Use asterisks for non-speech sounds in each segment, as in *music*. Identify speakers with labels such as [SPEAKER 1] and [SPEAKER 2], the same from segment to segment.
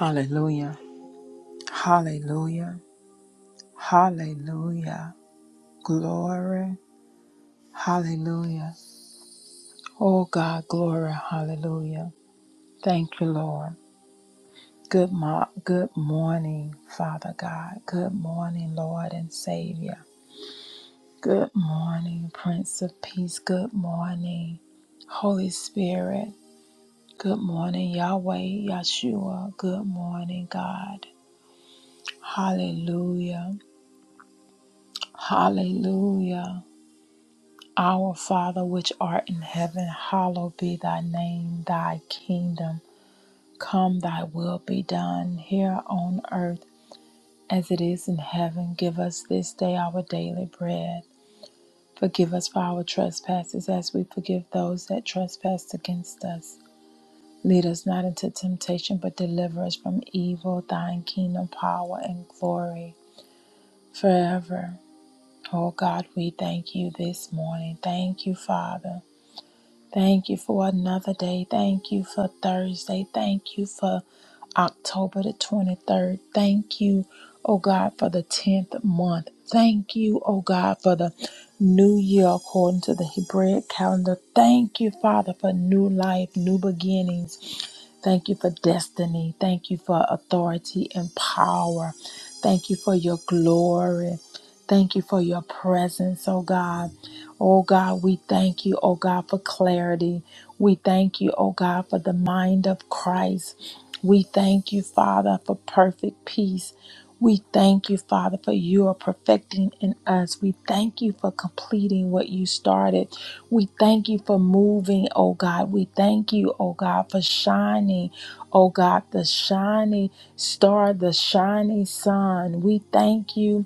[SPEAKER 1] Hallelujah. Hallelujah. Hallelujah. Glory. Hallelujah. Oh God, glory. Hallelujah. Thank you, Lord. Good, mo- good morning, Father God. Good morning, Lord and Savior. Good morning, Prince of Peace. Good morning, Holy Spirit. Good morning, Yahweh, Yahshua. Good morning, God. Hallelujah. Hallelujah. Our Father, which art in heaven, hallowed be thy name, thy kingdom. Come, thy will be done here on earth as it is in heaven. Give us this day our daily bread. Forgive us for our trespasses as we forgive those that trespass against us. Lead us not into temptation, but deliver us from evil. Thine kingdom, power, and glory forever. Oh God, we thank you this morning. Thank you, Father. Thank you for another day. Thank you for Thursday. Thank you for October the 23rd. Thank you, oh God, for the 10th month. Thank you, oh God, for the new year according to the Hebraic calendar. Thank you, Father, for new life, new beginnings. Thank you for destiny. Thank you for authority and power. Thank you for your glory. Thank you for your presence, oh God. Oh God, we thank you, oh God, for clarity. We thank you, oh God, for the mind of Christ. We thank you, Father, for perfect peace. We thank you, Father, for you are perfecting in us. We thank you for completing what you started. We thank you for moving, oh God. We thank you, oh God, for shining, oh God, the shining star, the shining sun. We thank you.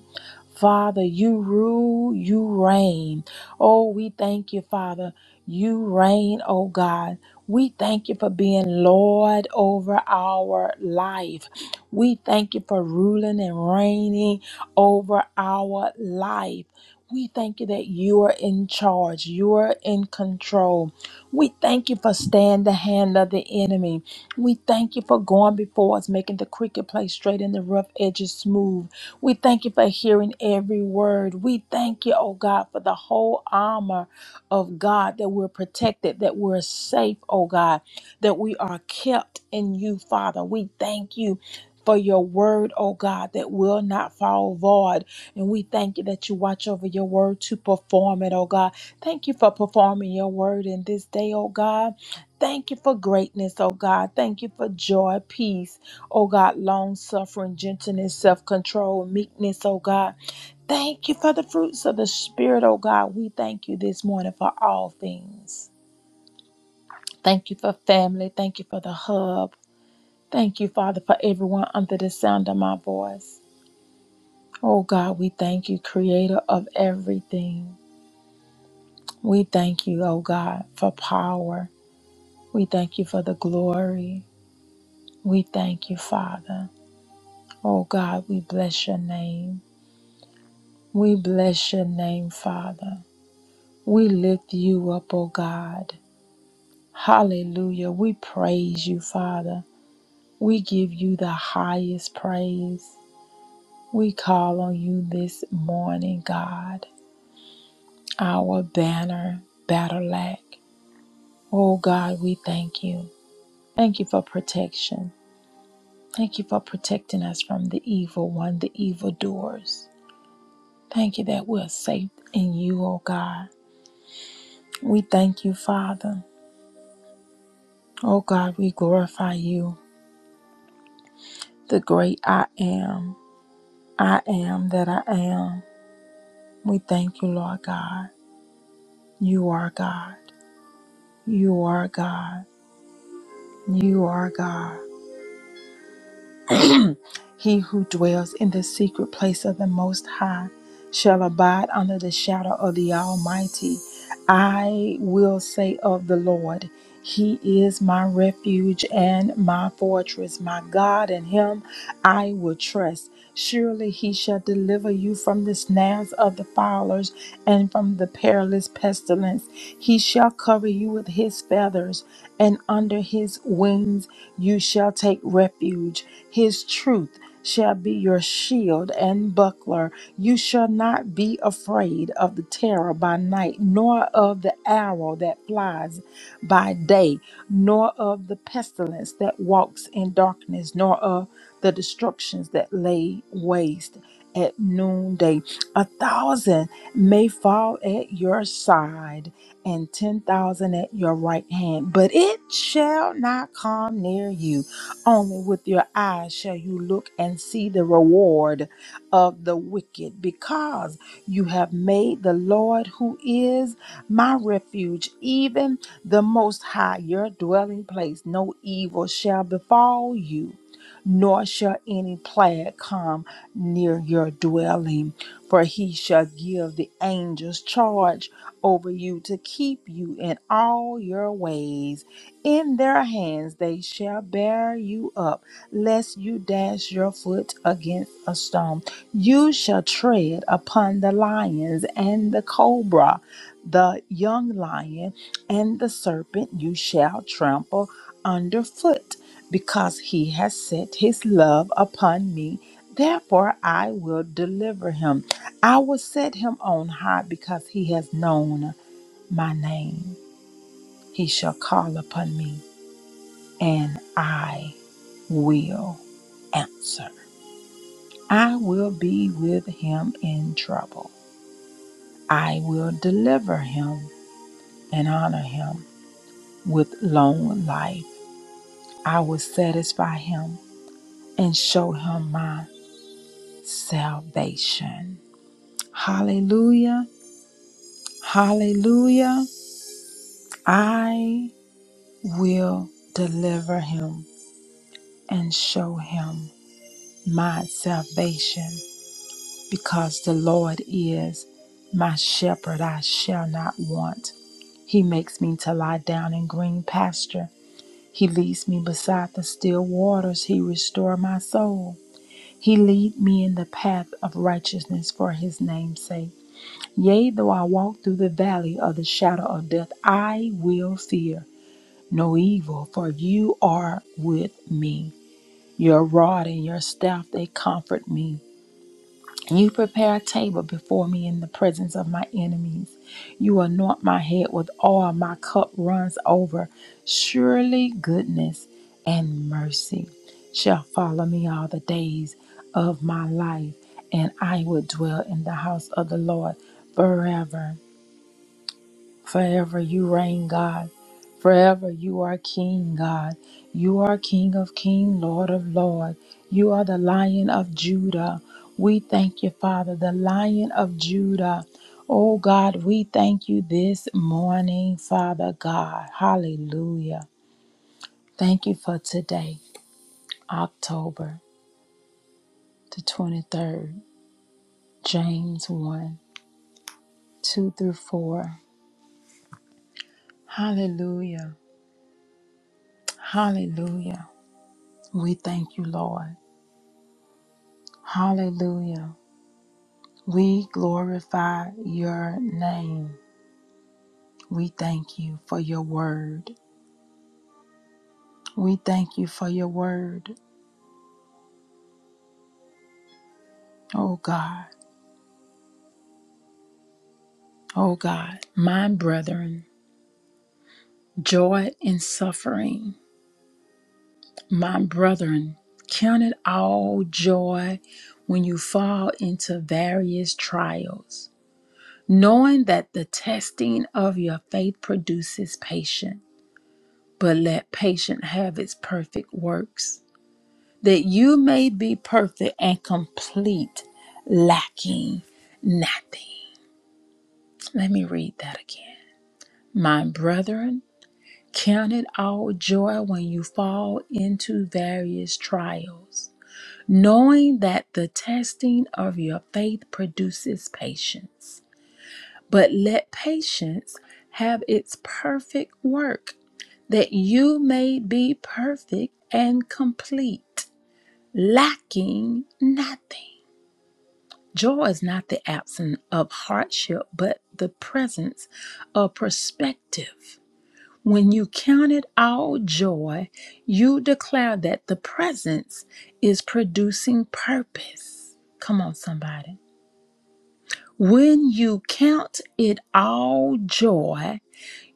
[SPEAKER 1] Father, you rule, you reign. Oh, we thank you, Father. You reign, oh God. We thank you for being Lord over our life. We thank you for ruling and reigning over our life. We thank you that you are in charge. You are in control. We thank you for staying the hand of the enemy. We thank you for going before us, making the crooked place straight and the rough edges smooth. We thank you for hearing every word. We thank you, oh God, for the whole armor of God that we're protected, that we're safe, oh God, that we are kept in you, Father. We thank you. For your word, oh God, that will not fall void. And we thank you that you watch over your word to perform it, oh God. Thank you for performing your word in this day, oh God. Thank you for greatness, oh God. Thank you for joy, peace, Oh God, long suffering, gentleness, self control, meekness, oh God. Thank you for the fruits of the Spirit, oh God. We thank you this morning for all things. Thank you for family. Thank you for the hub. Thank you, Father, for everyone under the sound of my voice. Oh God, we thank you, creator of everything. We thank you, oh God, for power. We thank you for the glory. We thank you, Father. Oh God, we bless your name. We bless your name, Father. We lift you up, O God. Hallelujah. We praise you, Father. We give you the highest praise. We call on you this morning, God, our banner, battle axe. Oh God, we thank you. Thank you for protection. Thank you for protecting us from the evil one, the evildoers. Thank you that we're safe in you, oh God. We thank you, Father. Oh God, we glorify you, the great I am. I am that I am. We thank you, Lord God. You are God. You are God. You are God. He who dwells in the secret place of the Most High shall abide under the shadow of the Almighty. I will say of the Lord, He is my refuge and my fortress, my God, in Him I will trust. Surely He shall deliver you from the snares of the fowlers and from the perilous pestilence. He shall cover you with His feathers, and under His wings you shall take refuge. His truth shall be your shield and buckler. You shall not be afraid of the terror by night, nor of the arrow that flies by day, nor of the pestilence that walks in darkness, nor of the destructions that lay waste at noonday. A thousand may fall at your side and 10,000 at your right hand, but it shall not come near you. Only with your eyes shall you look and see the reward of the wicked, because you have made the Lord, who is my refuge, even the Most High, your dwelling place. No evil shall befall you, nor shall any plague come near your dwelling. For he shall give the angels charge over you to keep you in all your ways. In their hands they shall bear you up, lest you dash your foot against a stone. You shall tread upon the lions and the cobra, the young lion and the serpent you shall trample underfoot, because he has set his love upon me. Therefore I will deliver him. I will set him on high because he has known my name. He shall call upon me and I will answer. I will be with him in trouble. I will deliver him and honor him with long life. I will satisfy him and show him my salvation. Hallelujah. Hallelujah. I will deliver him and show him my salvation. Because the Lord is my shepherd, I shall not want. He makes me to lie down in green pasture. He leads me beside the still waters. He restores my soul. He lead me in the path of righteousness for his name's sake. Yea, though I walk through the valley of the shadow of death, I will fear no evil, for you are with me. Your rod and your staff, they comfort me. You prepare a table before me in the presence of my enemies. You anoint my head with oil, my cup runs over. Surely goodness and mercy shall follow me all the days of my life, and I will dwell in the house of the Lord forever. Forever you reign, God. Forever you are King, God. You are King of King, Lord of Lord. You are the Lion of Judah. We thank you, Father, the Lion of Judah. Oh God, we thank you this morning, Father God. Hallelujah. Thank you for today, October the 23rd, James 1 2 through 4. Hallelujah. Hallelujah. We thank you, Lord. Hallelujah. We glorify your name. We thank you for your word. We thank you for your word. Oh God, oh God, my brethren, joy in suffering. My brethren, count it all joy when you fall into various trials, knowing that the testing of your faith produces patience. But let patience have its perfect works that you may be perfect and complete, lacking nothing. Let me read that again. My brethren, count it all joy when you fall into various trials, knowing that the testing of your faith produces patience. But let patience have its perfect work, that you may be perfect and complete, lacking nothing. Joy is not the absence of hardship, but the presence of perspective. When you count it all joy, you declare that the presence is producing purpose. Come on, somebody. When you count it all joy,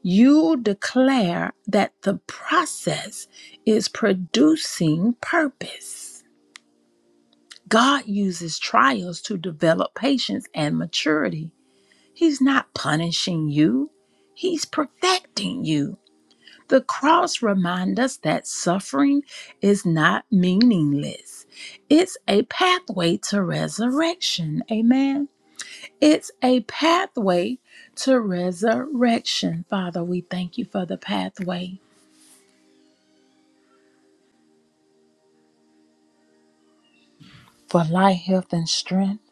[SPEAKER 1] you declare that the process is producing purpose. God uses trials to develop patience and maturity. He's not punishing you, He's perfecting you. The cross reminds us that suffering is not meaningless. It's a pathway to resurrection. Amen. It's a pathway to resurrection. Father, we thank you for the pathway for life, health, and strength.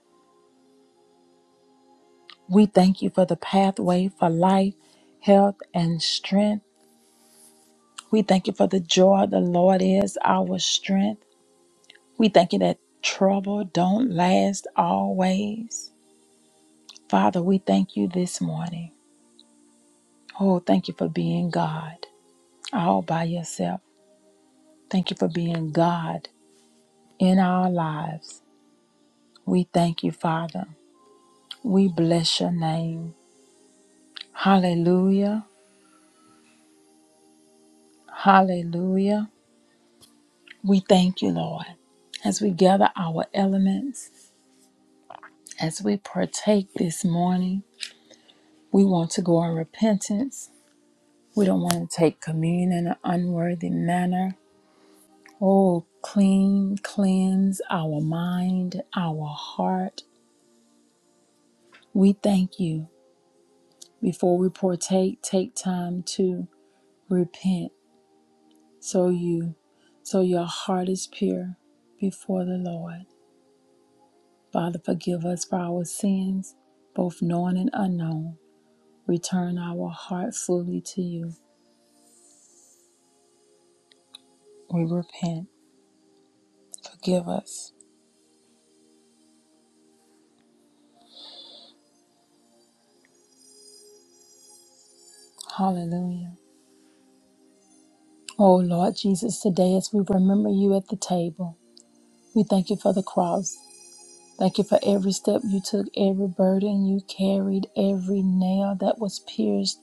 [SPEAKER 1] We thank you for the pathway for life, health, and strength. We thank you for the joy of the Lord is our strength. We thank you that trouble don't last always. Father, we thank you this morning. Oh, thank you for being God all by yourself. Thank you for being God in our lives. We thank you, Father. We bless your name. Hallelujah. Hallelujah. We thank you, Lord. As we gather our elements, as we partake this morning, we want to go in repentance. We don't want to take communion in an unworthy manner. Oh, clean, cleanse our mind, our heart. We thank you. Before we partake, take time to repent so you so your heart is pure before the Lord. Father, forgive us for our sins, both known and unknown. Return our heart fully to you. We repent. Forgive us. Hallelujah. Oh Lord Jesus, today as we remember you at the table, we thank you for the cross. Thank you for every step you took, every burden you carried, every nail that was pierced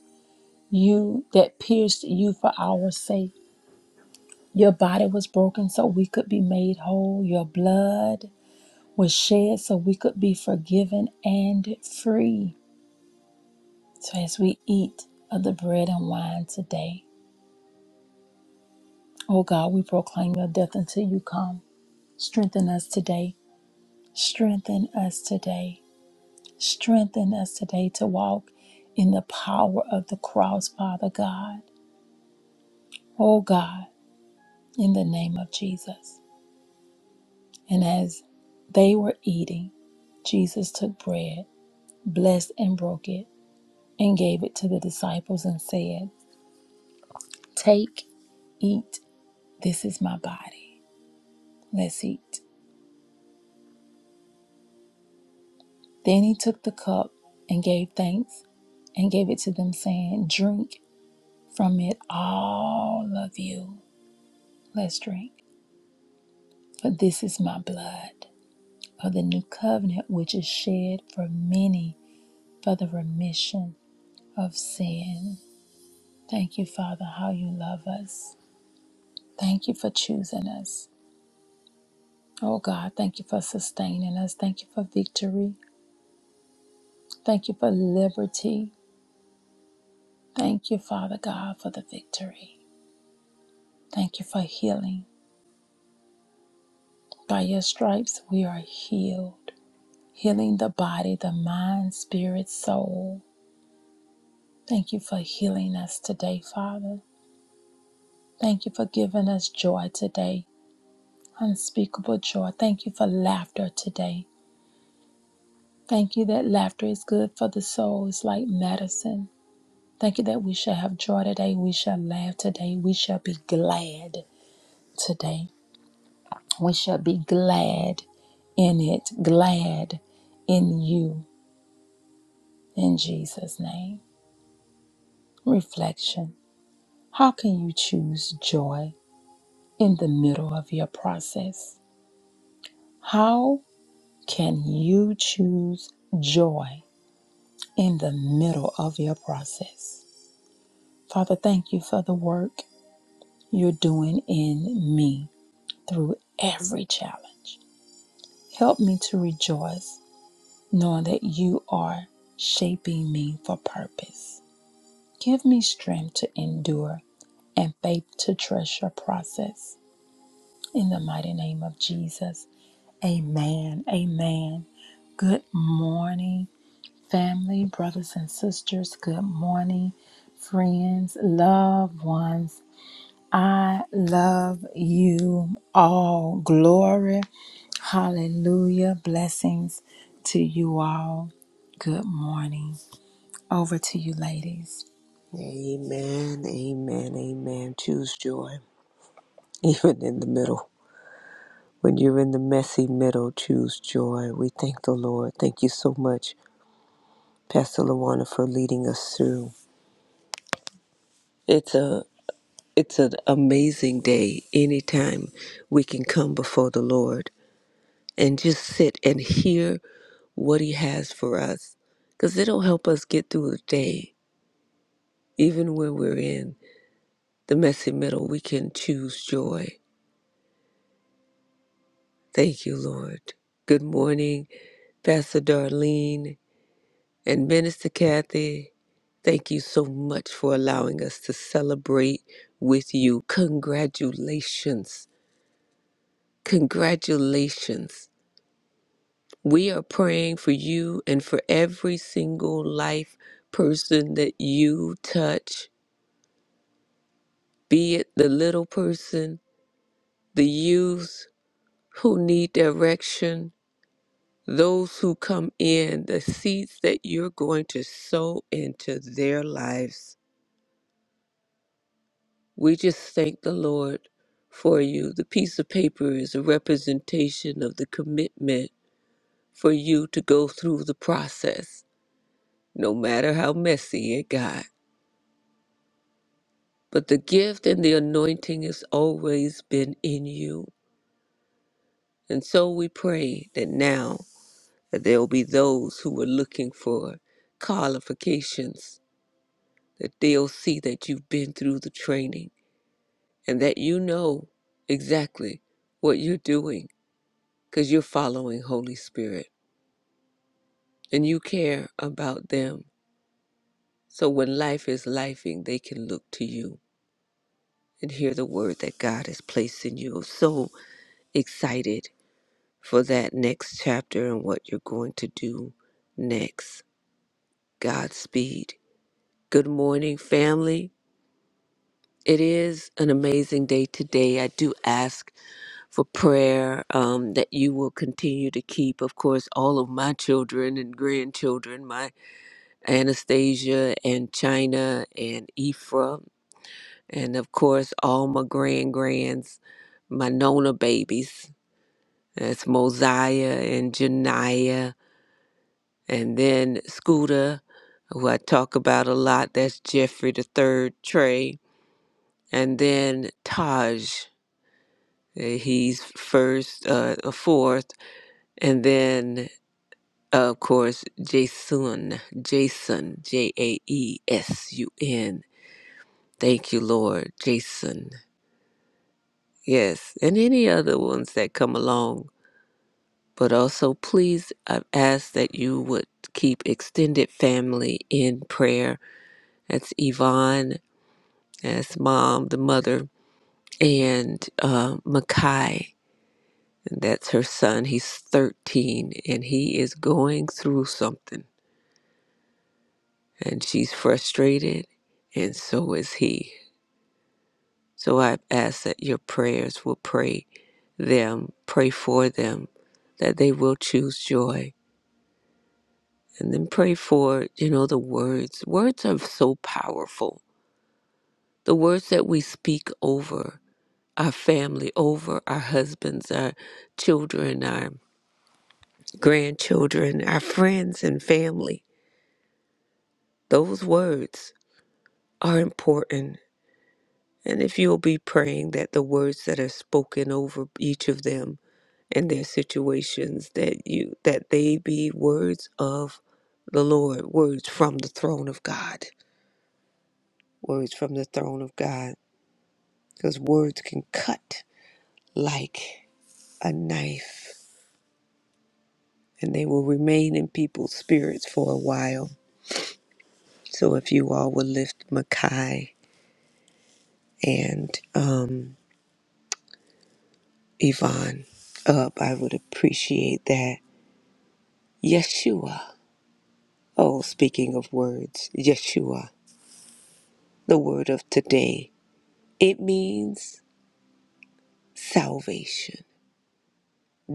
[SPEAKER 1] you, that pierced you for our sake. Your body was broken so we could be made whole. Your blood was shed so we could be forgiven and free. So as we eat of the bread and wine today, oh God, we proclaim your death until you come. Strengthen us today. Strengthen us today. Strengthen us today to walk in the power of the cross, Father God. Oh God, in the name of Jesus. And as they were eating, Jesus took bread, blessed and broke it, and gave it to the disciples and said, Take, eat, this is my body. Let's eat. Then he took the cup and gave thanks and gave it to them, saying, Drink from it, all of you. Let's drink, for this is my blood of the new covenant, which is shed for many for the remission of sin. Thank you, Father, how you love us. Thank you for choosing us. Oh God, thank you for sustaining us. Thank you for victory. Thank you for liberty. Thank you, Father God, for the victory. Thank you for healing. By your stripes, we are healed, healing the body, the mind, spirit, soul. Thank you for healing us today, Father. Thank you for giving us joy today. Unspeakable joy. Thank you for laughter today. Thank you that laughter is good for the soul. It's like medicine. Thank you that we shall have joy today. We shall laugh today. We shall be glad today. We shall be glad in it, glad in you, in Jesus' name. Reflection How can you choose joy in the middle of your process? How can you choose joy in the middle of your process. Father, thank you for the work you're doing in me through every challenge. Help me to rejoice knowing that you are shaping me for purpose. Give me strength to endure and faith to trust your process. In the mighty name of Jesus, amen. Amen. Good morning. family, brothers and sisters, good morning, friends, loved ones. I love you all. Glory, hallelujah, blessings to you all. Good morning. Over to you, ladies.
[SPEAKER 2] Amen, amen, amen. Choose joy, *laughs* even in the middle. When you're in the messy middle, choose joy. We thank the Lord. Thank you so much, Pastor Lawana, for leading us through. It's a it's an amazing day anytime we can come before the Lord and just sit and hear what He has for us. Because it'll help us get through the day. Even when we're in the messy middle, we can choose joy Thank you, Lord. Good morning, Pastor Darlene and Minister Kathy. Thank you so much for allowing us to celebrate with you. Congratulations. Congratulations. We are praying for you and for every single life person that you touch, be it the little person, the youth who need direction, those who come in, the seeds that you're going to sow into their lives. We just thank the Lord for you. The piece of paper is a representation of the commitment for you to go through the process, no matter how messy it got. But the gift and the anointing has always been in you. And so we pray that now that there will be those who are looking for qualifications That they'll see that you've been through the training and that you know exactly what you're doing because you're following Holy Spirit and you care about them. So when life is lifing, they can look to you and hear the word that God has placed in you. I'm So excited for that next chapter and what you're going to do next. Godspeed. Good morning, family. It is an amazing day today. I do ask for prayer um, that you will continue to keep, of course, all of my children and grandchildren, my Anastasia and China and Ephra, and of course, all my grand grands, my Nona babies. That's Mosiah and Janiah, and then Scooter, who I talk about a lot. That's Jeffrey the Third, Trey, and then Taj. Uh, He's first, uh, fourth, and then Of course, Jason, Jason, J A E S U N. Thank you, Lord, Jason. Yes, and any other ones that come along. But also, please, I've asked that you would keep extended family in prayer. That's Yvonne, that's mom, the mother, and uh, Makai. And that's her son. He's 13 and he is going through something. And she's frustrated, and so is he. So I ask that your prayers will pray them, pray for them, that they will choose joy. And then pray for, you know, the words. Words are so powerful. The words that we speak over our family, over our husbands, our children, our grandchildren, our friends and family. Those words are important. And if you'll be praying that the words that are spoken over each of them in their situations that you that they be words of the Lord, words from the throne of God, words from the throne of God, because words can cut like a knife, and they will remain in people's spirits for a while. So if you all would lift Makai and um, Yvonne up, I would appreciate that. Yeshua. Oh, speaking of words, Yeshua, the word of today. It means salvation,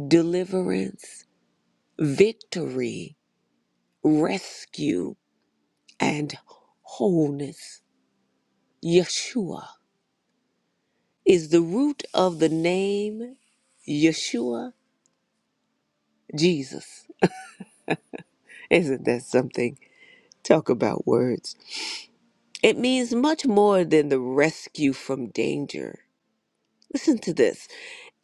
[SPEAKER 2] deliverance, victory, rescue, and wholeness. Yeshua is the root of the name Yeshua, Jesus. Isn't that something? Talk about words. It means much more than the rescue from danger. Listen to this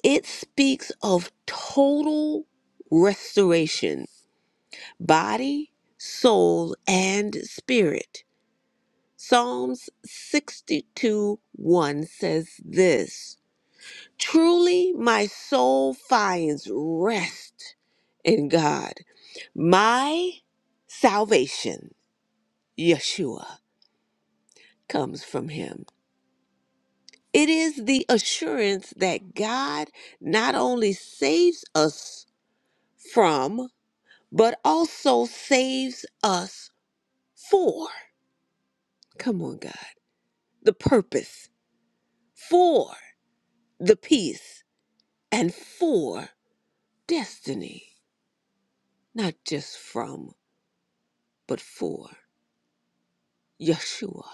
[SPEAKER 2] it speaks of total restoration, body, soul, and spirit. Psalms 62 1 says this Truly my soul finds rest in God. My salvation, Yeshua, comes from him. It is the assurance that God not only saves us from, but also saves us for. Come on, God. The purpose, for the peace and for destiny, not just from, but for Yeshua,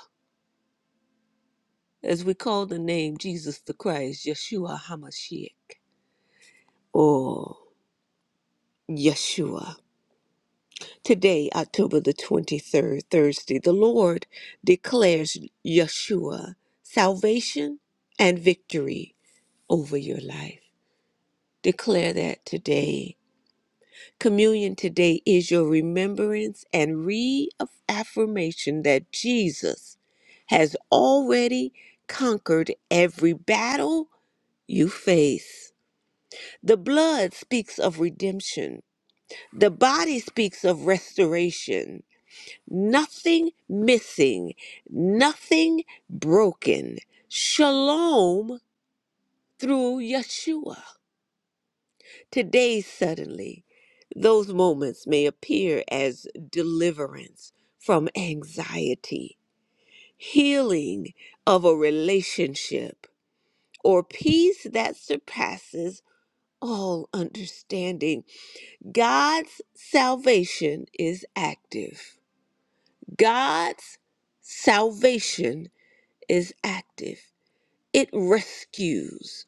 [SPEAKER 2] as we call the name Jesus the Christ, Yeshua HaMashiach, or Yeshua. Today, October the 23rd, Thursday, the Lord declares Yeshua salvation and victory over your life. Declare that today Communion today is your remembrance and reaffirmation that Jesus has already conquered every battle you face. The blood speaks of redemption, the body speaks of restoration. Nothing missing, nothing broken. Shalom through Yeshua. Today, suddenly, those moments may appear as deliverance from anxiety, healing of a relationship, or peace that surpasses all understanding. God's salvation is active. God's salvation is active. It rescues,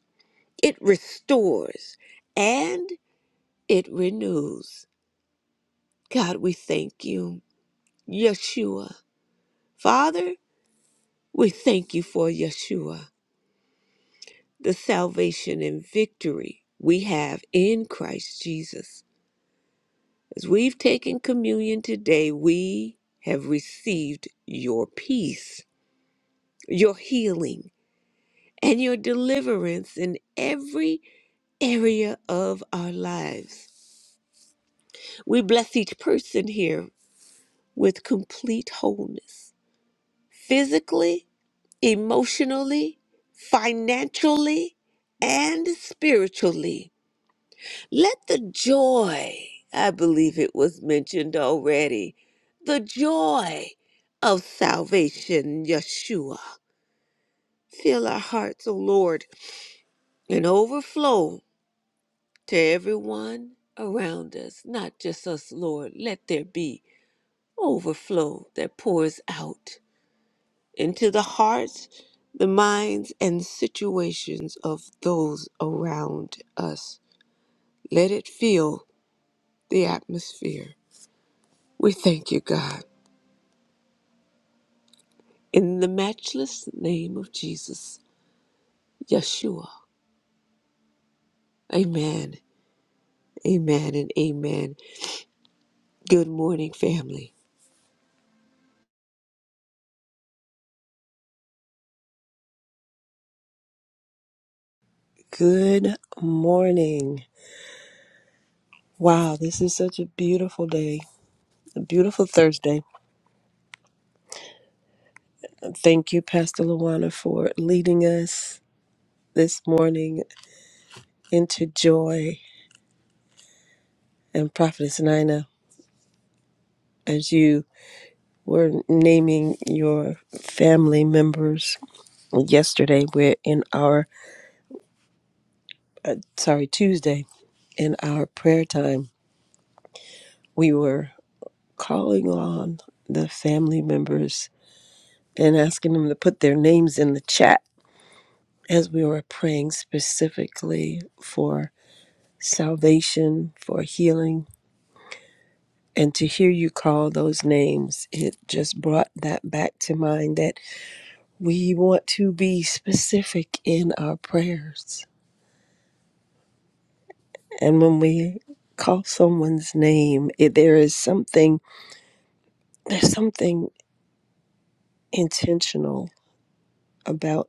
[SPEAKER 2] it restores, and it renews. God, we thank you. Yeshua. Father, we thank you for Yeshua, the salvation and victory we have in Christ Jesus. As we've taken communion today, we have received your peace, your healing, and your deliverance in every area of our lives. We bless each person here with complete wholeness, physically emotionally, financially, and spiritually. Let the joy, I believe it was mentioned already, the joy of salvation, Yeshua, fill our hearts, O Lord, and overflow to everyone around us, not just us, Lord. Let there be overflow that pours out. into the hearts, the minds, and situations of those around us. Let it fill the atmosphere. We thank you, God. In the matchless name of Jesus, Yeshua. Amen. Amen and amen. Good morning, family.
[SPEAKER 3] Good morning. Wow, this is such a beautiful day, a beautiful Thursday. Thank you, Pastor Luana, for leading us this morning into joy. And Prophetess Nina, as you were naming your family members yesterday, we're in our, uh, sorry, Tuesday, in our prayer time, we were calling on the family members and asking them to put their names in the chat as we were praying specifically for salvation, for healing, and to hear you call those names, it just brought that back to mind that we want to be specific in our prayers. And when we call someone's name, it, there is something, there's something intentional about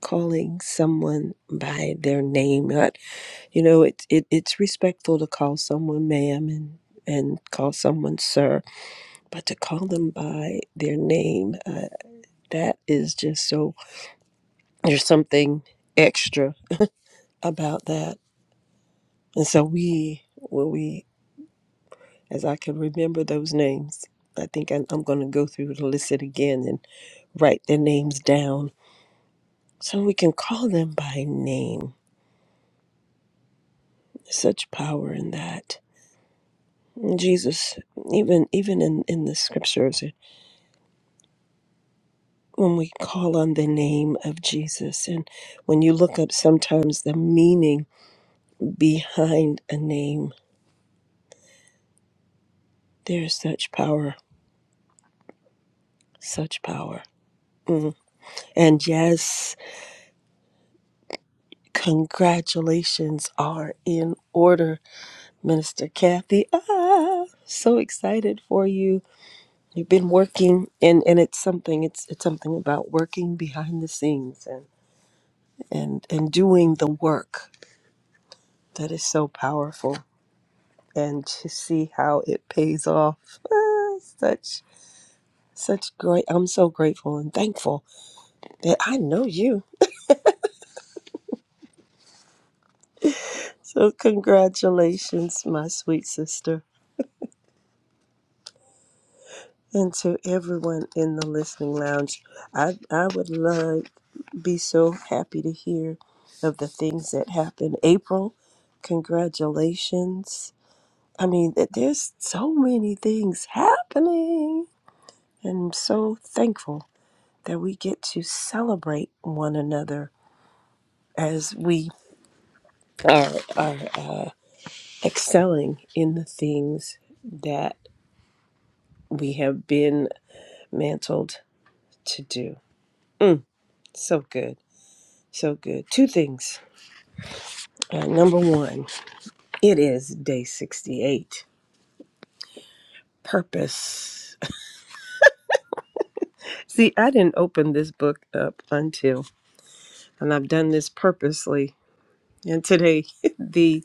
[SPEAKER 3] calling someone by their name. You know, it, it it's respectful to call someone ma'am and and call someone sir, but to call them by their name, uh, that is just so. There's something extra about that, and so we, when we, as I can remember those names, I think I'm, I'm going to go through the list it again and write their names down so we can call them by name. Such power in that, And Jesus. Even even in in the scriptures. when we call on the name of Jesus and when you look up sometimes the meaning behind a name, there's such power, such power. Mm. And yes, congratulations are in order, Minister Kathy. Ah, so excited for you. You've been working and, and it's something it's it's something about working behind the scenes and and, and doing the work that is so powerful. and to see how it pays off. *laughs* Ah, such such great I'm so grateful and thankful that I know you. So congratulations, my sweet sister. And to everyone in the listening lounge, I I would love be so happy to hear of the things that happen. April, congratulations. I mean, th- there's so many things happening. And I'm so thankful that we get to celebrate one another as we are, are uh, excelling in the things that we have been mantled to do. Mm, so good. So good. Two things. Uh, number one, it is day 68. Purpose. *laughs* See, I didn't open this book up until, and I've done this purposely. And today, *laughs* the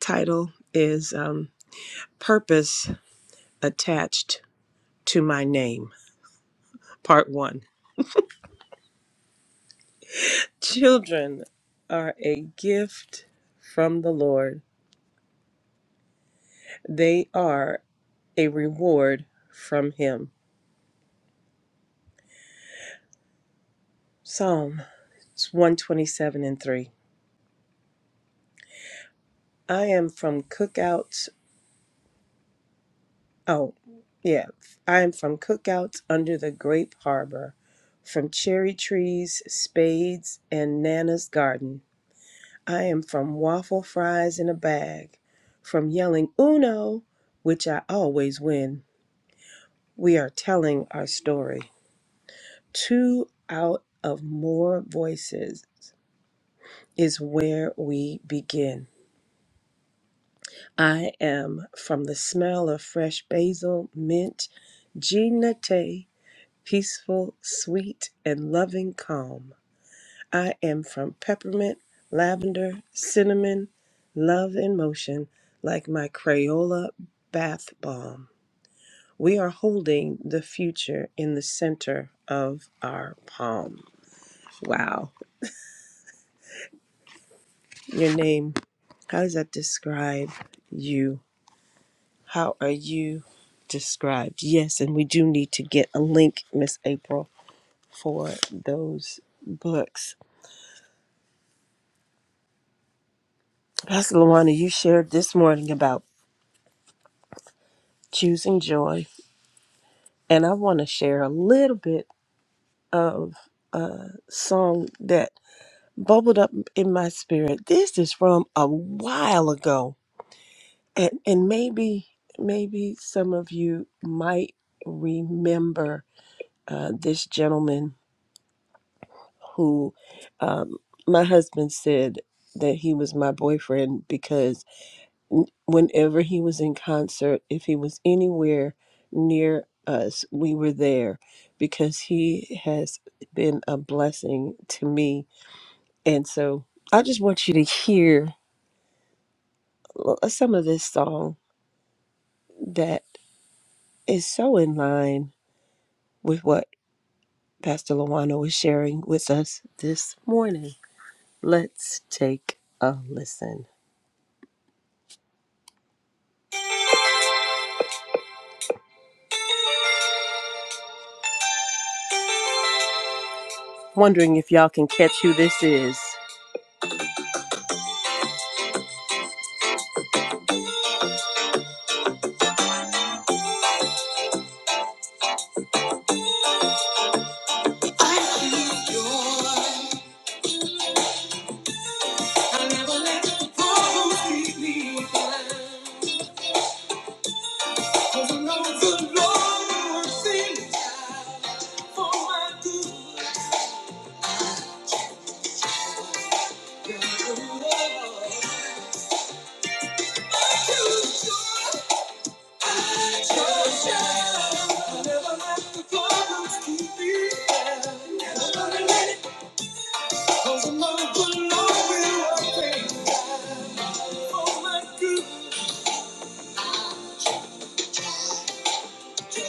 [SPEAKER 3] title is um, Purpose Attached to My Name, Part One. Children are a gift from the Lord, they are a reward from Him. Psalm 127 and 3. I am from cookouts. Oh, yeah. I am from cookouts under the grape harbor, from cherry trees, spades, and Nana's garden. I am from waffle fries in a bag, from yelling Uno, which I always win. We are telling our story. Two out of more voices is where we begin. I am from the smell of fresh basil, mint, ginate, peaceful, sweet, and loving calm. I am from peppermint, lavender, cinnamon, love in motion, like my Crayola bath bomb. We are holding the future in the center of our palm. Wow. Your name, how does that describe you? How are you described? Yes, and we do need to get a link, Miss April, for those books. Pastor Luana, you shared this morning about choosing joy, and I want to share a little bit of a song that bubbled up in my spirit. This is from a while ago, and and maybe maybe some of you might remember uh, this gentleman who um, my husband said that he was my boyfriend because n- whenever he was in concert, if he was anywhere near us, we were there because he has been a blessing to me. And so I just want you to hear l- some of this song that is so in line with what Pastor Luano is sharing with us this morning. Let's take a listen. Wondering if y'all can catch who this is. Tell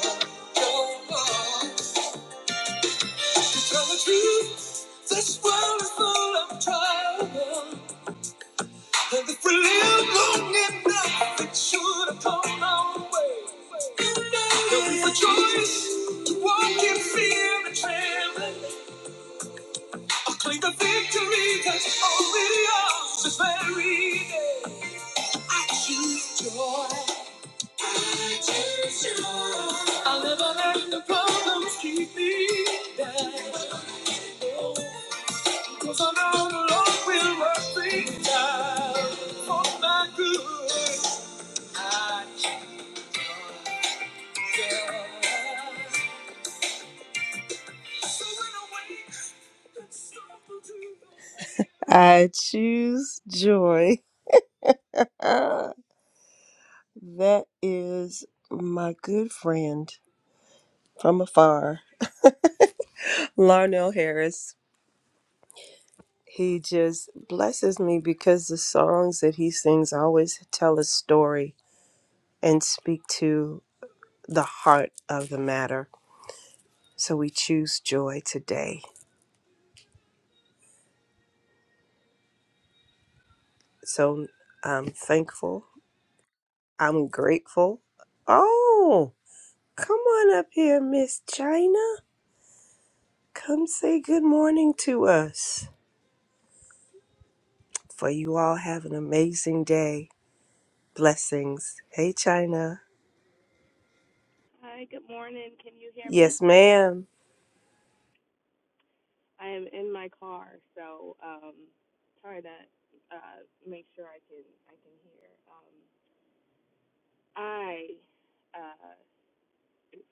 [SPEAKER 3] the truth, this world is full of trouble. And if we live long enough, it should have come our way. There'll be rejoice to walk in fear and trembling. I claim the victory that's already ours this very day. I choose joy. I choose joy. I'll never let the problems keep me down. Cause I know the Lord will work things out for my good. I choose. So when I wake, let's to I choose joy. Ah, that is my good friend from afar, Larnell Harris. He just blesses me because the songs that he sings always tell a story and speak to the heart of the matter. So we choose joy today. So I'm thankful. I'm grateful. Oh, come on up here, Miss China. Come say good morning to us. For you all have an amazing day. Blessings. Hey, China.
[SPEAKER 4] Hi, good morning. Can you hear me?
[SPEAKER 3] Yes, ma'am.
[SPEAKER 4] I am in my car, so um try to uh make sure I can I can hear. Um I uh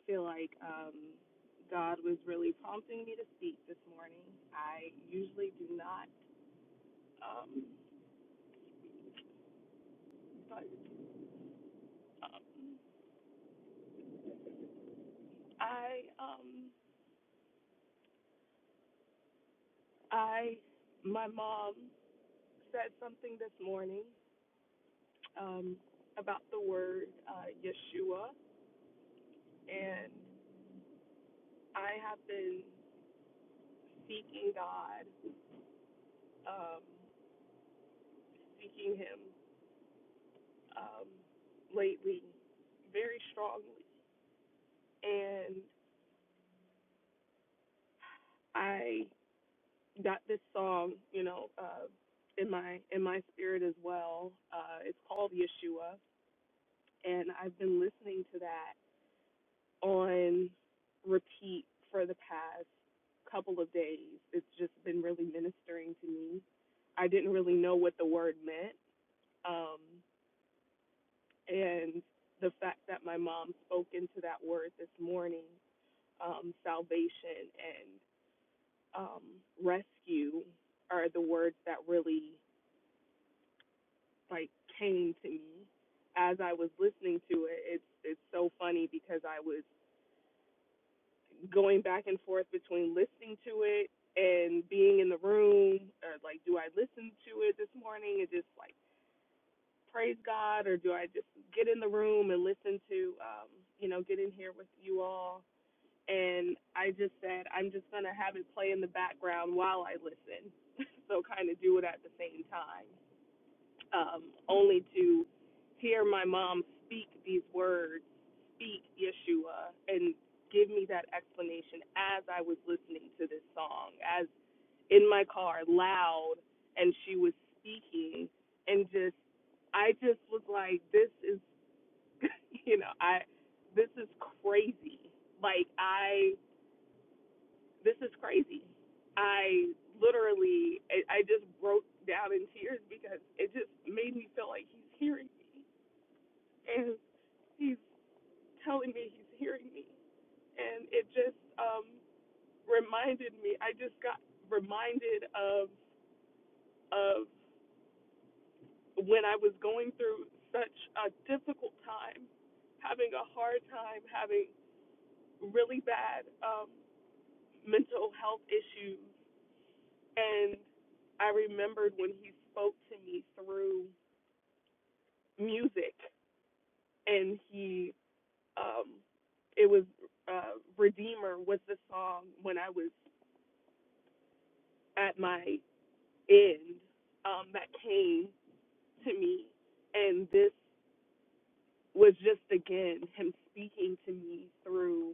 [SPEAKER 4] feel like um God was really prompting me to speak this morning. I usually do not um but uh, I um I my mom said something this morning um about the word uh Yeshua and I have been seeking God, um, seeking Him um, lately very strongly. And I got this song, you know, uh, in my in my spirit as well. Uh, it's called Yeshua, and I've been listening to that on repeat for the past couple of days. It's just been really ministering to me. I didn't really know what the word meant. Um, and the fact that my mom spoke into that word this morning, um, salvation and um, rescue are the words that really like came to me as I was listening to it. It's it's so funny because I was going back and forth between listening to it and being in the room or like do I listen to it this morning and just like praise God or do I just get in the room and listen to um you know get in here with you all and I just said I'm just gonna have it play in the background while I listen, *laughs* so kind of do it at the same time. Um, only to hear my mom speak these words, speak Yeshua, and give me that explanation as I was listening to this song, as in my car, loud, and she was speaking, and just I just was like, this is, *laughs* you know, I this is crazy. Like I this is crazy. I literally, I, I just broke down in tears because it just made me feel like he's hearing me and he's telling me he's hearing me. And it just um, reminded me, I just got reminded of, of when I was going through such a difficult time, having a hard time, having really bad um, mental health issues and I remembered when he spoke to me through music, and he, um, it was uh, "Redeemer" was the song when I was at my end um, that came to me, and this was just again him speaking to me through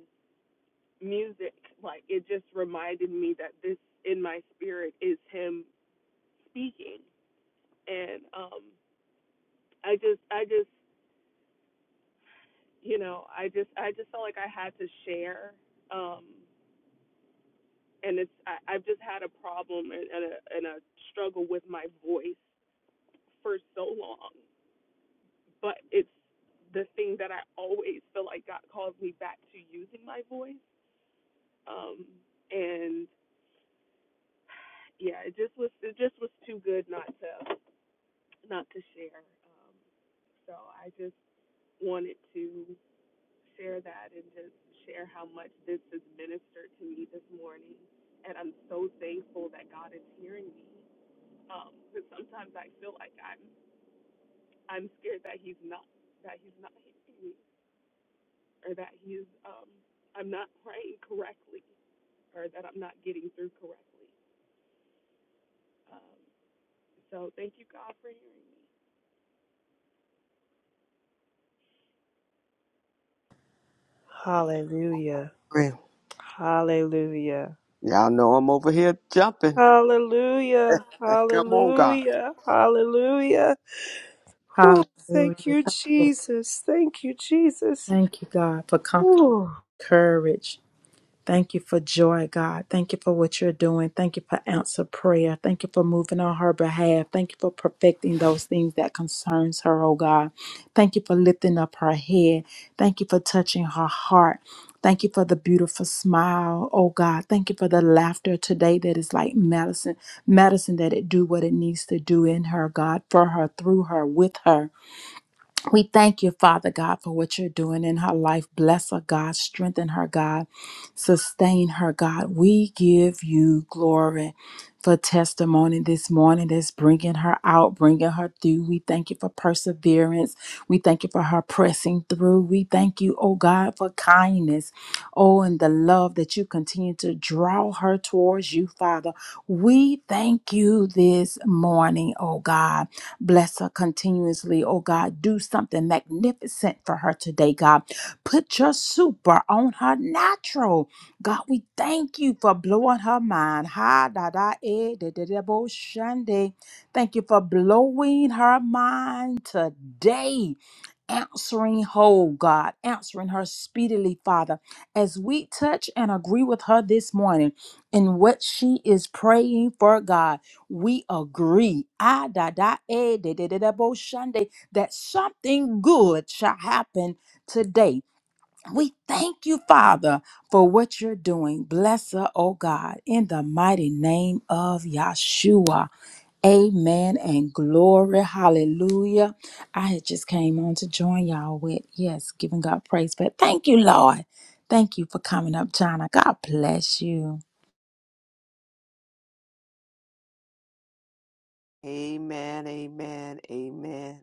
[SPEAKER 4] music. Like it just reminded me that this in my spirit is him speaking, and um, I just, I just you know, I just I just felt like I had to share, um, and it's I, I've just had a problem and, and a and a struggle with my voice for so long, but it's the thing that I always feel like God calls me back to using my voice, um, and yeah, it just was it just was too good not to not to share, um, so I just wanted to share that and just share how much this has ministered to me this morning. And I'm so thankful that God is hearing me. Um, but sometimes I feel like I'm I'm scared that He's not that He's not hearing me, or that He's um, I'm not praying correctly, or that I'm not getting through correctly. Um, so thank you, God, for hearing me.
[SPEAKER 3] Hallelujah.
[SPEAKER 2] Pray.
[SPEAKER 3] Hallelujah.
[SPEAKER 2] Y'all know I'm over here jumping.
[SPEAKER 3] Hallelujah.
[SPEAKER 2] Uh, Come on, God.
[SPEAKER 3] Hallelujah. Hallelujah.
[SPEAKER 1] Hallelujah.
[SPEAKER 3] Oh, thank you,
[SPEAKER 1] Thank you,
[SPEAKER 3] Jesus. Thank you, Jesus.
[SPEAKER 1] Thank you, God, for comfort,
[SPEAKER 3] Whew.
[SPEAKER 1] courage. Thank you for joy, God. Thank you for what you're doing. Thank you for answer prayer. Thank you for moving on her behalf. Thank you for perfecting those things that concerns her, oh God. Thank you for lifting up her head. Thank you for touching her heart. Thank you for the beautiful smile, oh God. Thank you for the laughter today that is like medicine, medicine that it do what it needs to do in her, God, for her, through her, with her. We thank you, Father God, for what you're doing in her life. Bless her, God. Strengthen her, God. Sustain her, God. We give you glory for testimony this morning that's bringing her out, bringing her through. We thank you for perseverance. We thank you for her pressing through. We thank you, oh God, for kindness. Oh, and the love that you continue to draw her towards you, Father. We thank you this morning, oh God. Bless her continuously, oh God. Do something magnificent for her today, God. Put your super on her natural. God, we thank you for blowing her mind. Ha da da eh, da da da bo shande. Thank you for blowing her mind today answering whole, God, answering her speedily, Father, as we touch and agree with her this morning in what she is praying for, God. We agree, ah, da, da, eh, da, da, da, da, bo, shande, that something good shall happen today. We thank you, Father, for what you're doing. Bless her, oh God, in the mighty name of Yeshua. Amen and glory. Hallelujah. I had just came on to join y'all with, yes, giving God praise. But thank you, Lord. Thank you for coming up, China. God bless you.
[SPEAKER 2] Amen, amen, amen.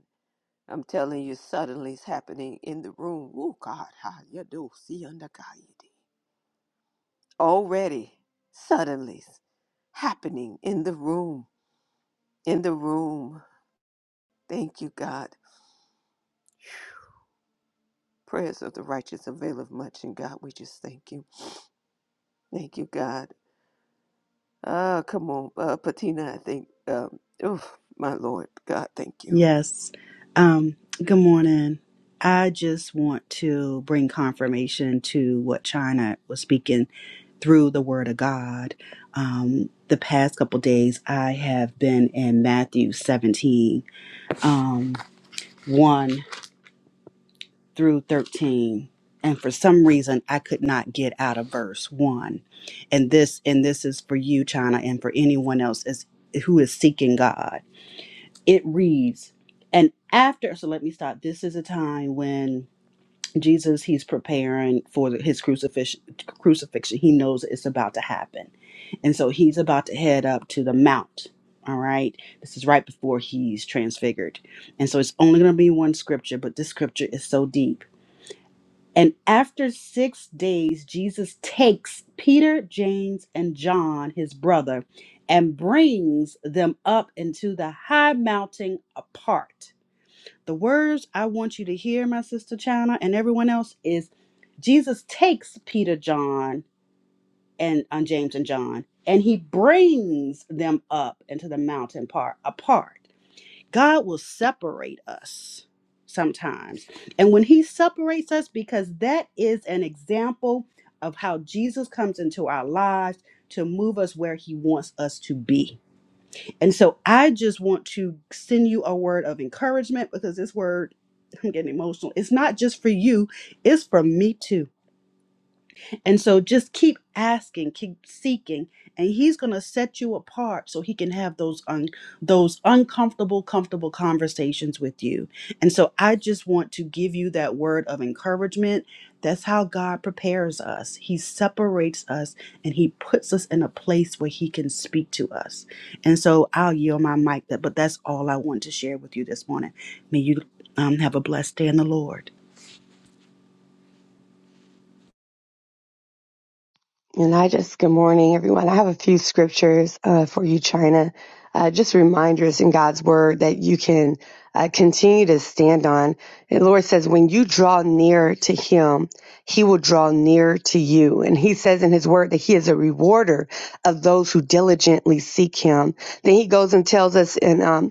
[SPEAKER 2] I'm telling you, suddenly it's happening in the room. Oh God, how you do see under God. did. Already, suddenly happening in the room. In the room. Thank you, God. Prayers of the righteous avail of much. And God, we just thank you. Thank you, God. Ah, come on, uh, Patina. I think. Um, oh, my Lord, God, thank you.
[SPEAKER 5] Yes. Um, good morning. I just want to bring confirmation to what China was speaking through the Word of God. Um, the past couple days, I have been in Matthew 17, um, 1 through 13. And for some reason, I could not get out of verse 1. And this and this is for you, China, and for anyone else is, who is seeking God it reads and after so let me stop this is a time when jesus he's preparing for the- his crucifixion crucifixion he knows it's about to happen and so he's about to head up to the mount all right this is right before he's transfigured and so it's only going to be one scripture but this scripture is so deep and after six days, Jesus takes Peter, James, and John, his brother, and brings them up into the high mountain apart. The words I want you to hear, my sister China, and everyone else, is Jesus takes Peter, John, and uh, James and John, and he brings them up into the mountain part apart. God will separate us sometimes. And when he separates us, because that is an example of how Jesus comes into our lives to move us where he wants us to be. And so I just want to send you a word of encouragement because this word, I'm getting emotional. It's not just for you, it's for me too and so just keep asking, keep seeking, and he's going to set you apart so he can have those un- those uncomfortable comfortable conversations with you. And so I just want to give you that word of encouragement. That's how God prepares us. He separates us and he puts us in a place where he can speak to us. And so I'll yield my mic that but that's all I want to share with you this morning. May you um, have a blessed day in the Lord.
[SPEAKER 6] And I just, good morning, everyone. I have a few scriptures uh, for you, China. Uh, just reminders in God's word that you can uh, continue to stand on. And the Lord says, when you draw near to him, he will draw near to you. And he says in his word that he is a rewarder of those who diligently seek him. Then he goes and tells us in um,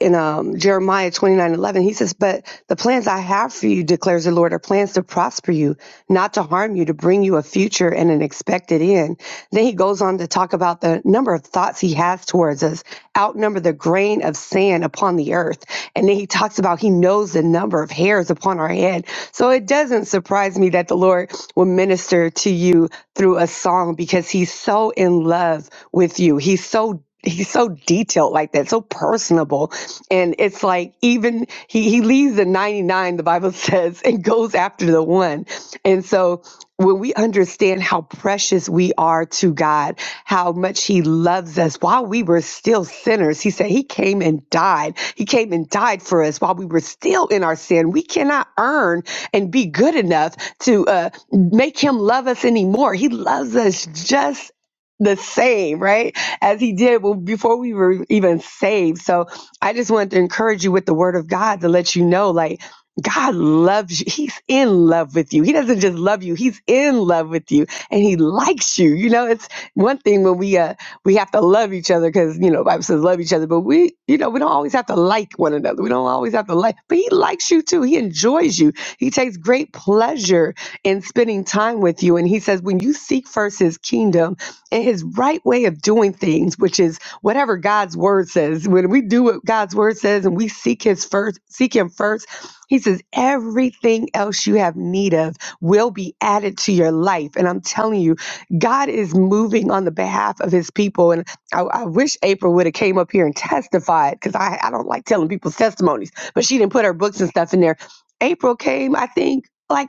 [SPEAKER 6] in um, Jeremiah twenty nine eleven, he says, But the plans I have for you, declares the Lord, are plans to prosper you, not to harm you, to bring you a future and an expected end. Then he goes on to talk about the number of thoughts he has towards us, outnumber the grain of sand upon the earth. And then he talks about he knows the number of hairs upon our head. So it doesn't surprise me that the Lord will minister to you through a song because he's so in love with you. He's so he's so detailed like that, so personable. And it's like even he he leaves the 99, the Bible *laughs* says, and goes after the one. And so when we understand how precious we are to God, how much he loves us while we were still sinners, he said he came and died. He came and died for us while we were still in our sin. We cannot earn and be good enough to uh, make him love us anymore. He loves us just the same, right? as he did well, before we were even saved. So I just wanted to encourage you with the word of God to let you know, like, God loves you. He's in love with you. He doesn't just love you. He's in love with you and he likes you. You know, it's one thing when we, uh, we have to love each other because, you know, the Bible says love each other, but we, you know, we don't always have to like one another. We don't always have to like, but he likes you too. He enjoys you. He takes great pleasure in spending time with you. And he says, when you seek first his kingdom, and his right way of doing things, which is whatever God's word says. When we do what God's word says and we seek his first, seek him first, he says, everything else you have need of will be added to your life. And I'm telling you, God is moving on the behalf of his people. And I, I wish April would have came up here and testified because I, I don't like telling people's testimonies, but she didn't put her books and stuff in there. April came, I think. Like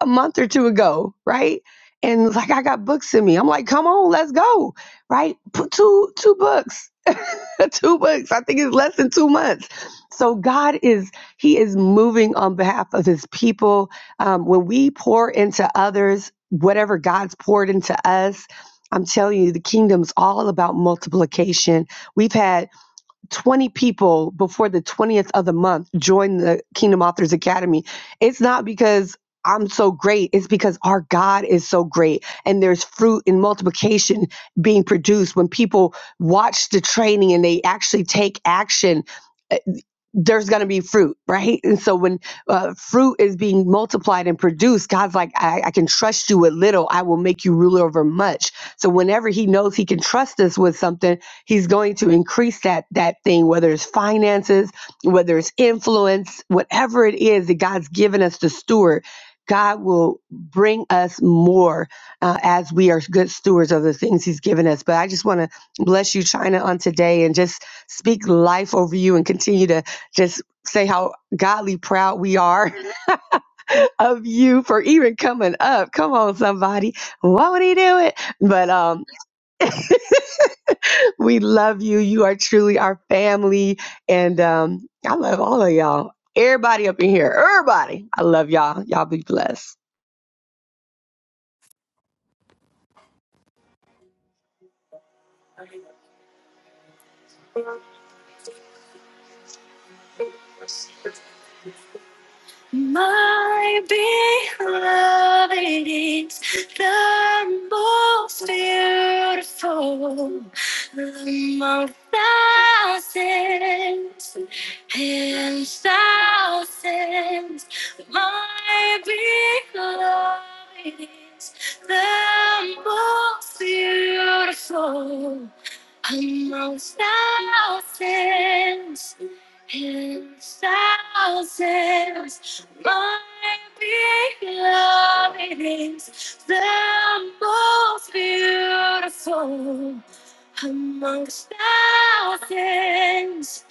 [SPEAKER 6] a month or two ago, right? And it's like I got books in me. I'm like, come on, let's go, right? Put two two books, *laughs* two books. I think it's less than two months. So God is He is moving on behalf of His people. Um, when we pour into others, whatever God's poured into us. I'm telling you, the kingdom's all about multiplication. We've had 20 people before the 20th of the month join the Kingdom Authors Academy. It's not because I'm so great, it's because our God is so great. And there's fruit and multiplication being produced when people watch the training and they actually take action there's going to be fruit, right? And so when uh, fruit is being multiplied and produced, God's like, I, I can trust you with little. I will make you ruler over much. So whenever He knows He can trust us with something, He's going to increase that that thing, whether it's finances, whether it's influence, whatever it is that God's given us to steward. God will bring us more uh, as we are good stewards of the things He's given us. But I just want to bless you, China, on today and just speak life over you and continue to just say how godly proud we are *laughs* of you for even coming up. Come on, somebody. Why would he do it? But um, we love you. You are truly our family. And um, I love all of y'all. Everybody up in here. Everybody. I love y'all. Y'all be blessed.
[SPEAKER 7] My beloved is the most beautiful among thousands and thousands. My beloved is the most beautiful among thousands and thousands. My big love it is the most beautiful amongst thousands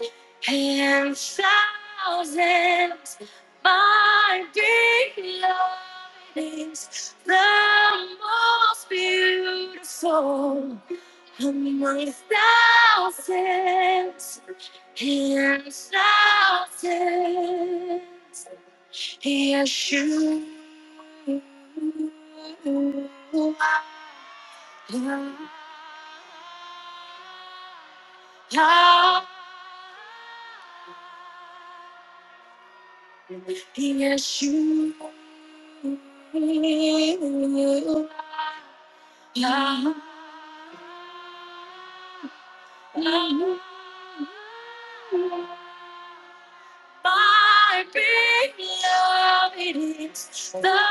[SPEAKER 7] and thousands. My big love it is the most beautiful among thousands and thousands. Yes, you are. Yes, you are. My big love it is the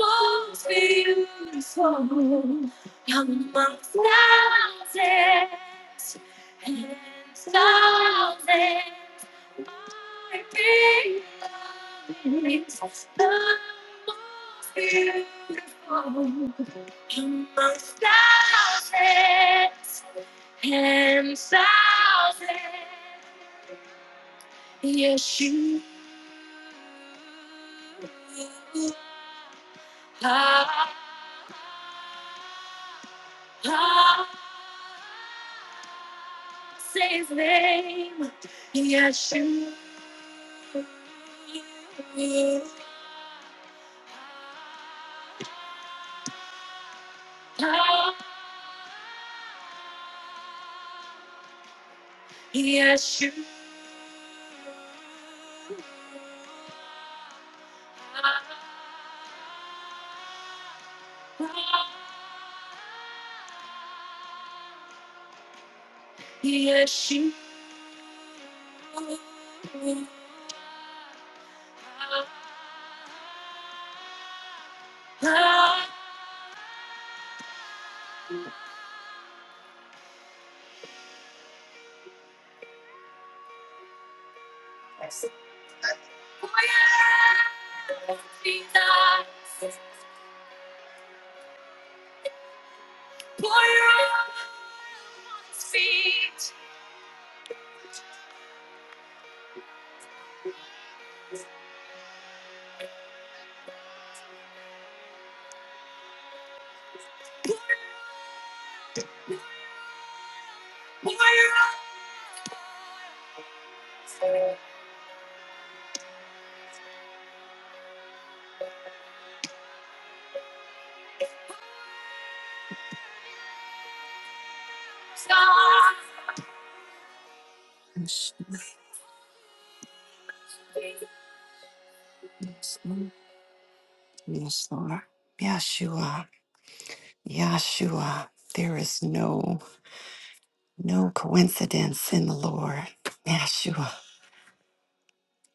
[SPEAKER 7] most beautiful amongst thousands and thousands. My big love it is the most beautiful amongst thousands and thousands. Yes, you. Say his name, Yeshua. Yeshua. Yes, you are. Pour your own feet out, Jesus. Pour your out on his feet. Yes, Lord. Yeshua. Yeshua. There is no no coincidence in the Lord. Yeshua.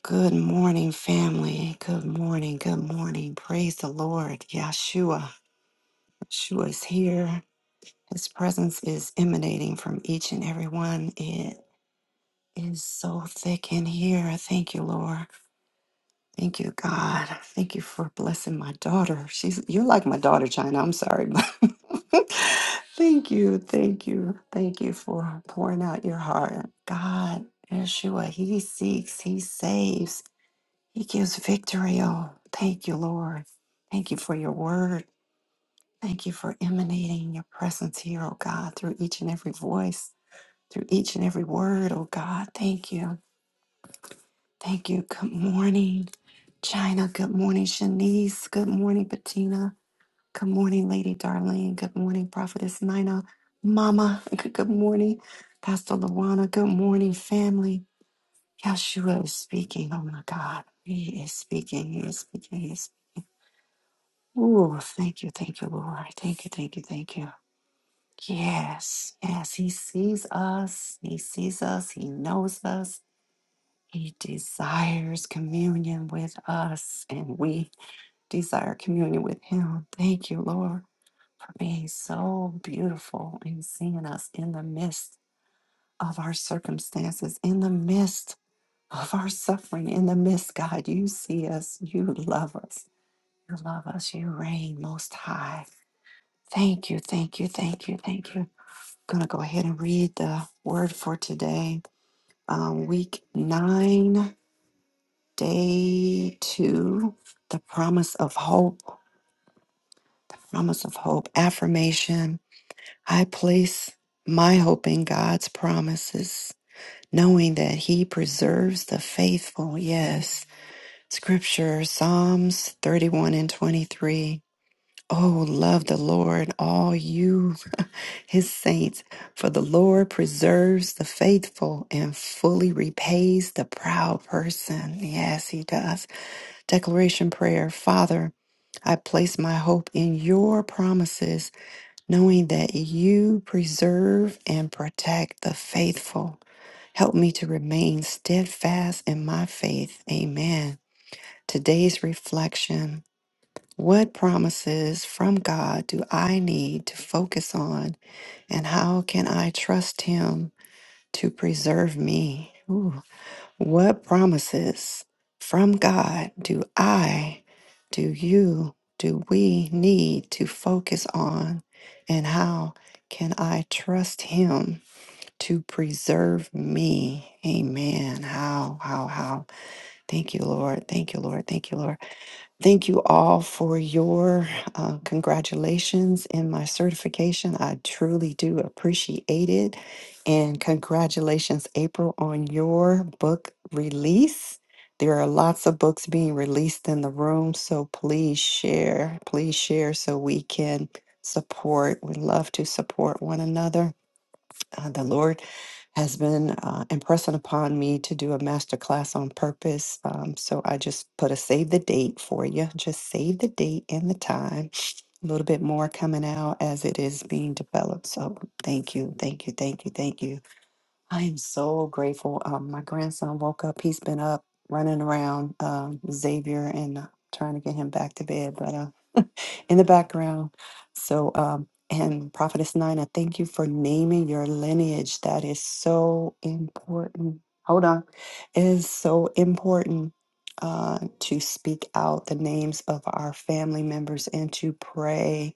[SPEAKER 7] Good morning, family. Good morning. Good morning. Praise the Lord. Yeshua. Yeshua is here. His presence is emanating from each and every one. It is so thick in here. Thank you, Lord. Thank you, God. Thank you for blessing my daughter. She's you're like my daughter, China. I'm sorry. but *laughs* thank you, thank you, thank you for pouring out your heart. God, Yeshua, He seeks, He saves, He gives victory. Oh, thank you, Lord. Thank you for your word. Thank you for emanating your presence here, oh God, through each and every voice, through each and every word, oh God. Thank you. Thank you. Good morning, China. Good morning, Shanice. Good morning, Bettina. Good morning, Lady Darlene. Good morning, Prophetess Nina. Mama. *laughs* Good morning, Pastor Luana. Good morning, family. Yeshua is speaking. Oh my God. He is speaking. He is speaking. He is speaking. Ooh, thank you, thank you, Lord. Thank you, thank you, thank you. Yes, yes, He sees us. He sees us. He knows us. He desires communion with us, and we desire communion with Him. Thank you, Lord, for being so beautiful and seeing us in the midst of our circumstances, in the midst of our suffering, in the midst, God. You see us, you love us, you love us, you reign most high. Thank you, thank you, thank you, thank you. I'm going to go ahead and read the word for today, um, week nine. Day two, the promise of hope, the promise of hope, affirmation. I place my hope in God's promises, knowing that He preserves the faithful. Yes. Scripture, Psalms 31 and 23. Oh, love the Lord, all you, *laughs* His saints, for the Lord preserves the faithful and fully repays the proud person. Yes, He does. Declaration prayer Father, I place my hope in your promises, knowing that you preserve and protect the faithful. Help me to remain steadfast in my faith. Amen. Today's reflection What promises from God do I need to focus on, and how can I trust Him to preserve me? Ooh. What promises from God do I, do you, do we need to focus on? And how can I trust Him to preserve me? Amen. How, how, how. Thank you, Lord. Thank you, Lord. Thank you, Lord. Thank you all for your uh, congratulations in my certification. I truly do appreciate it. And congratulations, April, on your book release. There are lots of books being released in the room, so please share. Please share so we can support. We love to support one another uh, the Lord has been uh, impressing upon me to do a master class on purpose. Um, so I just put a save the date for you. Just save the date and the time. A little bit more coming out as it is being developed. So thank you, thank you, thank you, thank you. I am so grateful. Um, my grandson woke up. He's been up running around um, Xavier and uh, trying to get him back to bed, but uh, *laughs* in the background. So, um, and Prophetess Nina, thank you for naming your lineage. That is so important. Hold on. It is so important uh, to speak out the names of our family members and to pray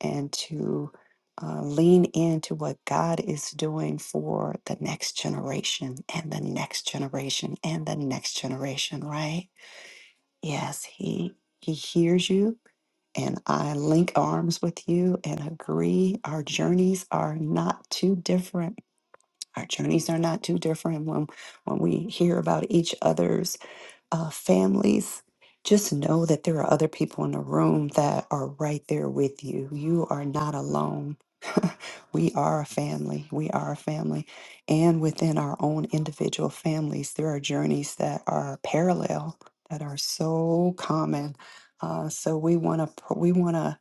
[SPEAKER 7] and to uh, lean into what God is doing for the next generation and the next generation and the next generation, right? Yes, he he hears you and I link arms with you and agree our journeys are not too different. Our journeys are not too different when when we hear about each other's uh, families, just know that there are other people in the room that are right there with you. You are not alone. *laughs* we are a family. We are a family. And within our own individual families, there are journeys that are parallel, that are so common. Uh, so we want to we want to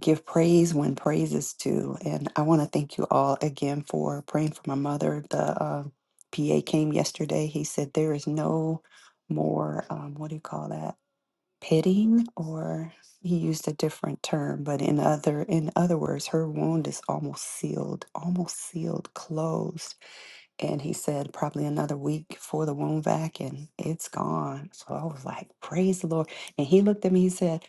[SPEAKER 7] give praise when praise is due. And I want to thank you all again for praying for my mother. The uh, PA came yesterday. He said there is no more, um, what do you call that? Pitting, or he used a different term, but in other in other words, her wound is almost sealed, almost sealed, closed and he said, probably another week for the wound vac, and it's gone. So I was like, praise the Lord. And he looked at me, he said,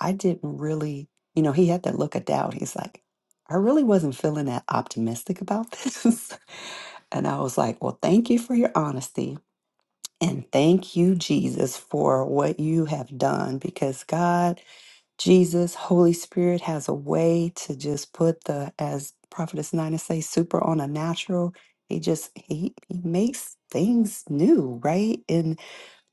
[SPEAKER 7] I didn't really, you know, he had that look of doubt. He's like, I really wasn't feeling that optimistic about this. *laughs* and I was like, well, thank you for your honesty. And thank you, Jesus, for what you have done because God Jesus, Holy Spirit has a way to just put the, as Prophetess Nina say, super on a natural. He just he he makes things new, right? And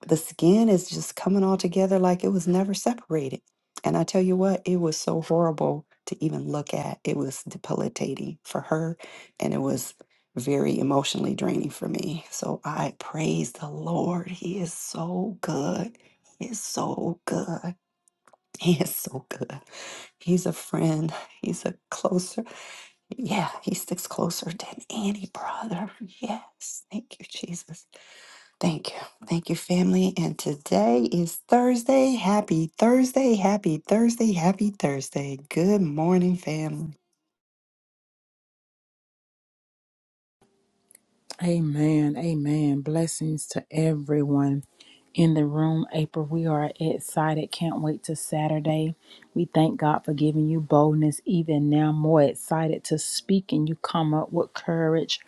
[SPEAKER 7] the skin is just coming all together like it was never separated. And I tell you what, it was so horrible to even look at. It was debilitating for her, and it was very emotionally draining for me. So I praise the Lord. He is so good. He is so good. *laughs* He is so good. He's a friend. He's a closer. Yeah, he sticks closer than any brother. Yes. Thank you, Jesus. Thank you. Thank you, family. And today is Thursday. Happy Thursday. Happy Thursday. Happy Thursday. Good morning, family.
[SPEAKER 1] Amen. Amen. Blessings to everyone in the room. April, we are excited. Can't wait to Saturday. We thank God for giving you boldness even now. More excited to speak and you come up with courage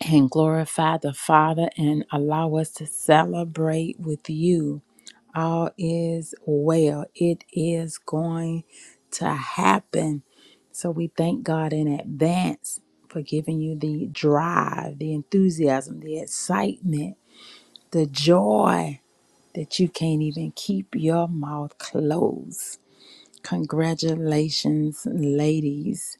[SPEAKER 1] and glorify the Father and allow us to celebrate with you. all is well. It is going to happen. So we thank God in advance for giving you the drive, the enthusiasm, the excitement, the joy that you can't even keep your mouth closed. Congratulations, ladies.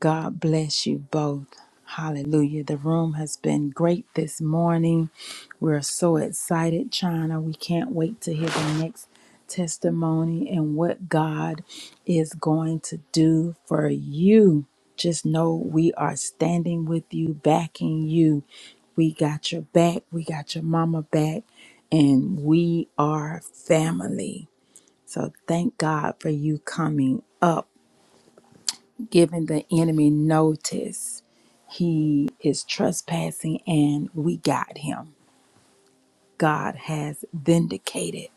[SPEAKER 1] God bless you both. Hallelujah. The room has been great this morning. We're so excited, China. We can't wait to hear the next testimony and what God is going to do for you. Just know we are standing with you, backing you. We got your back. We got your mama back. And we are family. So thank God for you coming up giving the enemy notice he is trespassing and we got him. God has vindicated.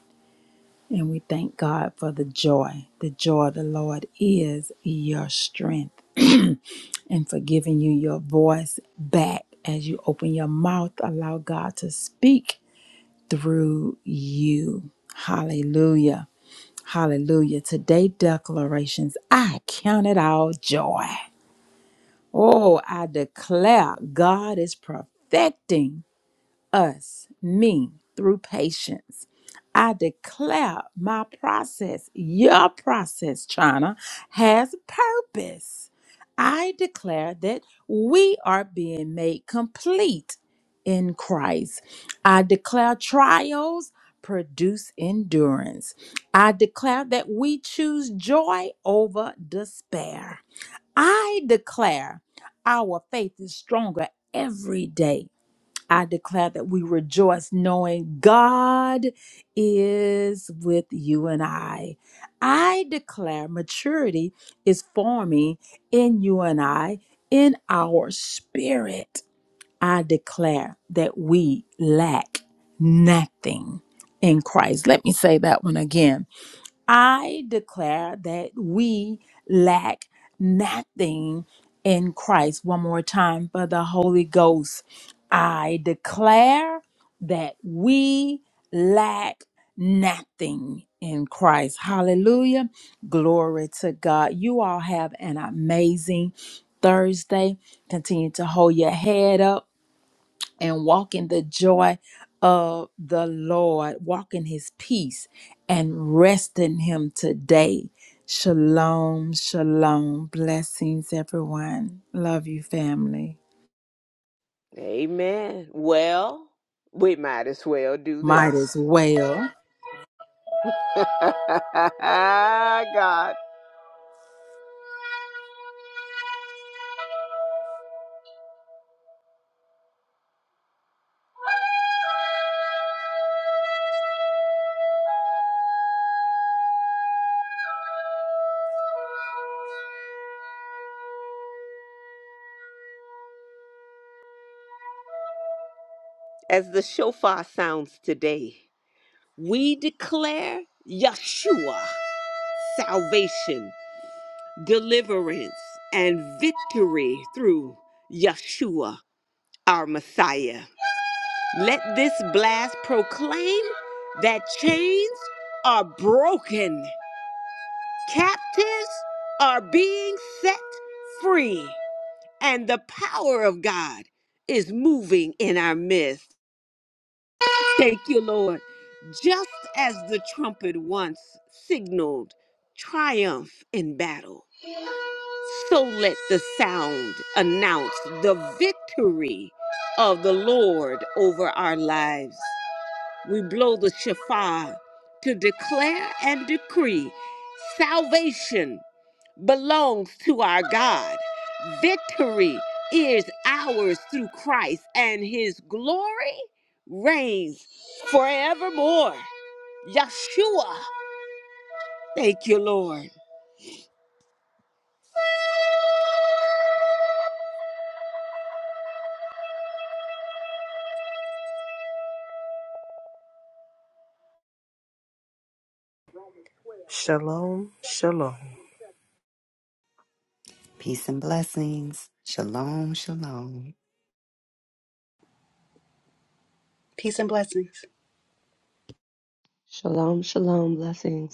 [SPEAKER 1] And we thank God for the joy. The joy of the Lord is your strength. *clears throat* and for giving you your voice back as you open your mouth, allow God to speak through you. Hallelujah. Hallelujah. Today, declarations I count it all joy. Oh, I declare God is perfecting us, me, through patience. I declare my process, your process, China, has purpose. I declare that we are being made complete in Christ. I declare trials produce endurance. I declare that we choose joy over despair. I declare our faith is stronger every day. I declare that we rejoice knowing God is with you and I. I declare maturity is forming in you and I, in our spirit. I declare that we lack nothing in Christ. Let me say that one again. I declare that we lack nothing in Christ. One more time for the Holy Ghost. I declare that we lack nothing in Christ. Hallelujah. Glory to God. You all have an amazing Thursday. Continue to hold your head up and walk in the joy of the Lord, walk in his peace and rest in him today. Shalom, shalom. Blessings, everyone. Love you, family.
[SPEAKER 2] Amen. Well, we might as well do
[SPEAKER 1] Might
[SPEAKER 2] this.
[SPEAKER 1] as well.
[SPEAKER 2] *laughs* God. As the shofar sounds today, we declare Yeshua salvation, deliverance, and victory through Yeshua, our Messiah. Let this blast proclaim that chains are broken, captives are being set free, and the power of God is moving in our midst. Thank you, Lord. Just as the trumpet once signaled triumph in battle, so let the sound announce the victory of the Lord over our lives. We blow the shofar to declare and decree salvation belongs to our God. Victory is ours through Christ, and his glory reigns forevermore. Yeshua, thank you, Lord.
[SPEAKER 3] Shalom, shalom.
[SPEAKER 7] Peace and blessings. Shalom. Shalom.
[SPEAKER 5] Peace and blessings.
[SPEAKER 6] Shalom, shalom, blessings.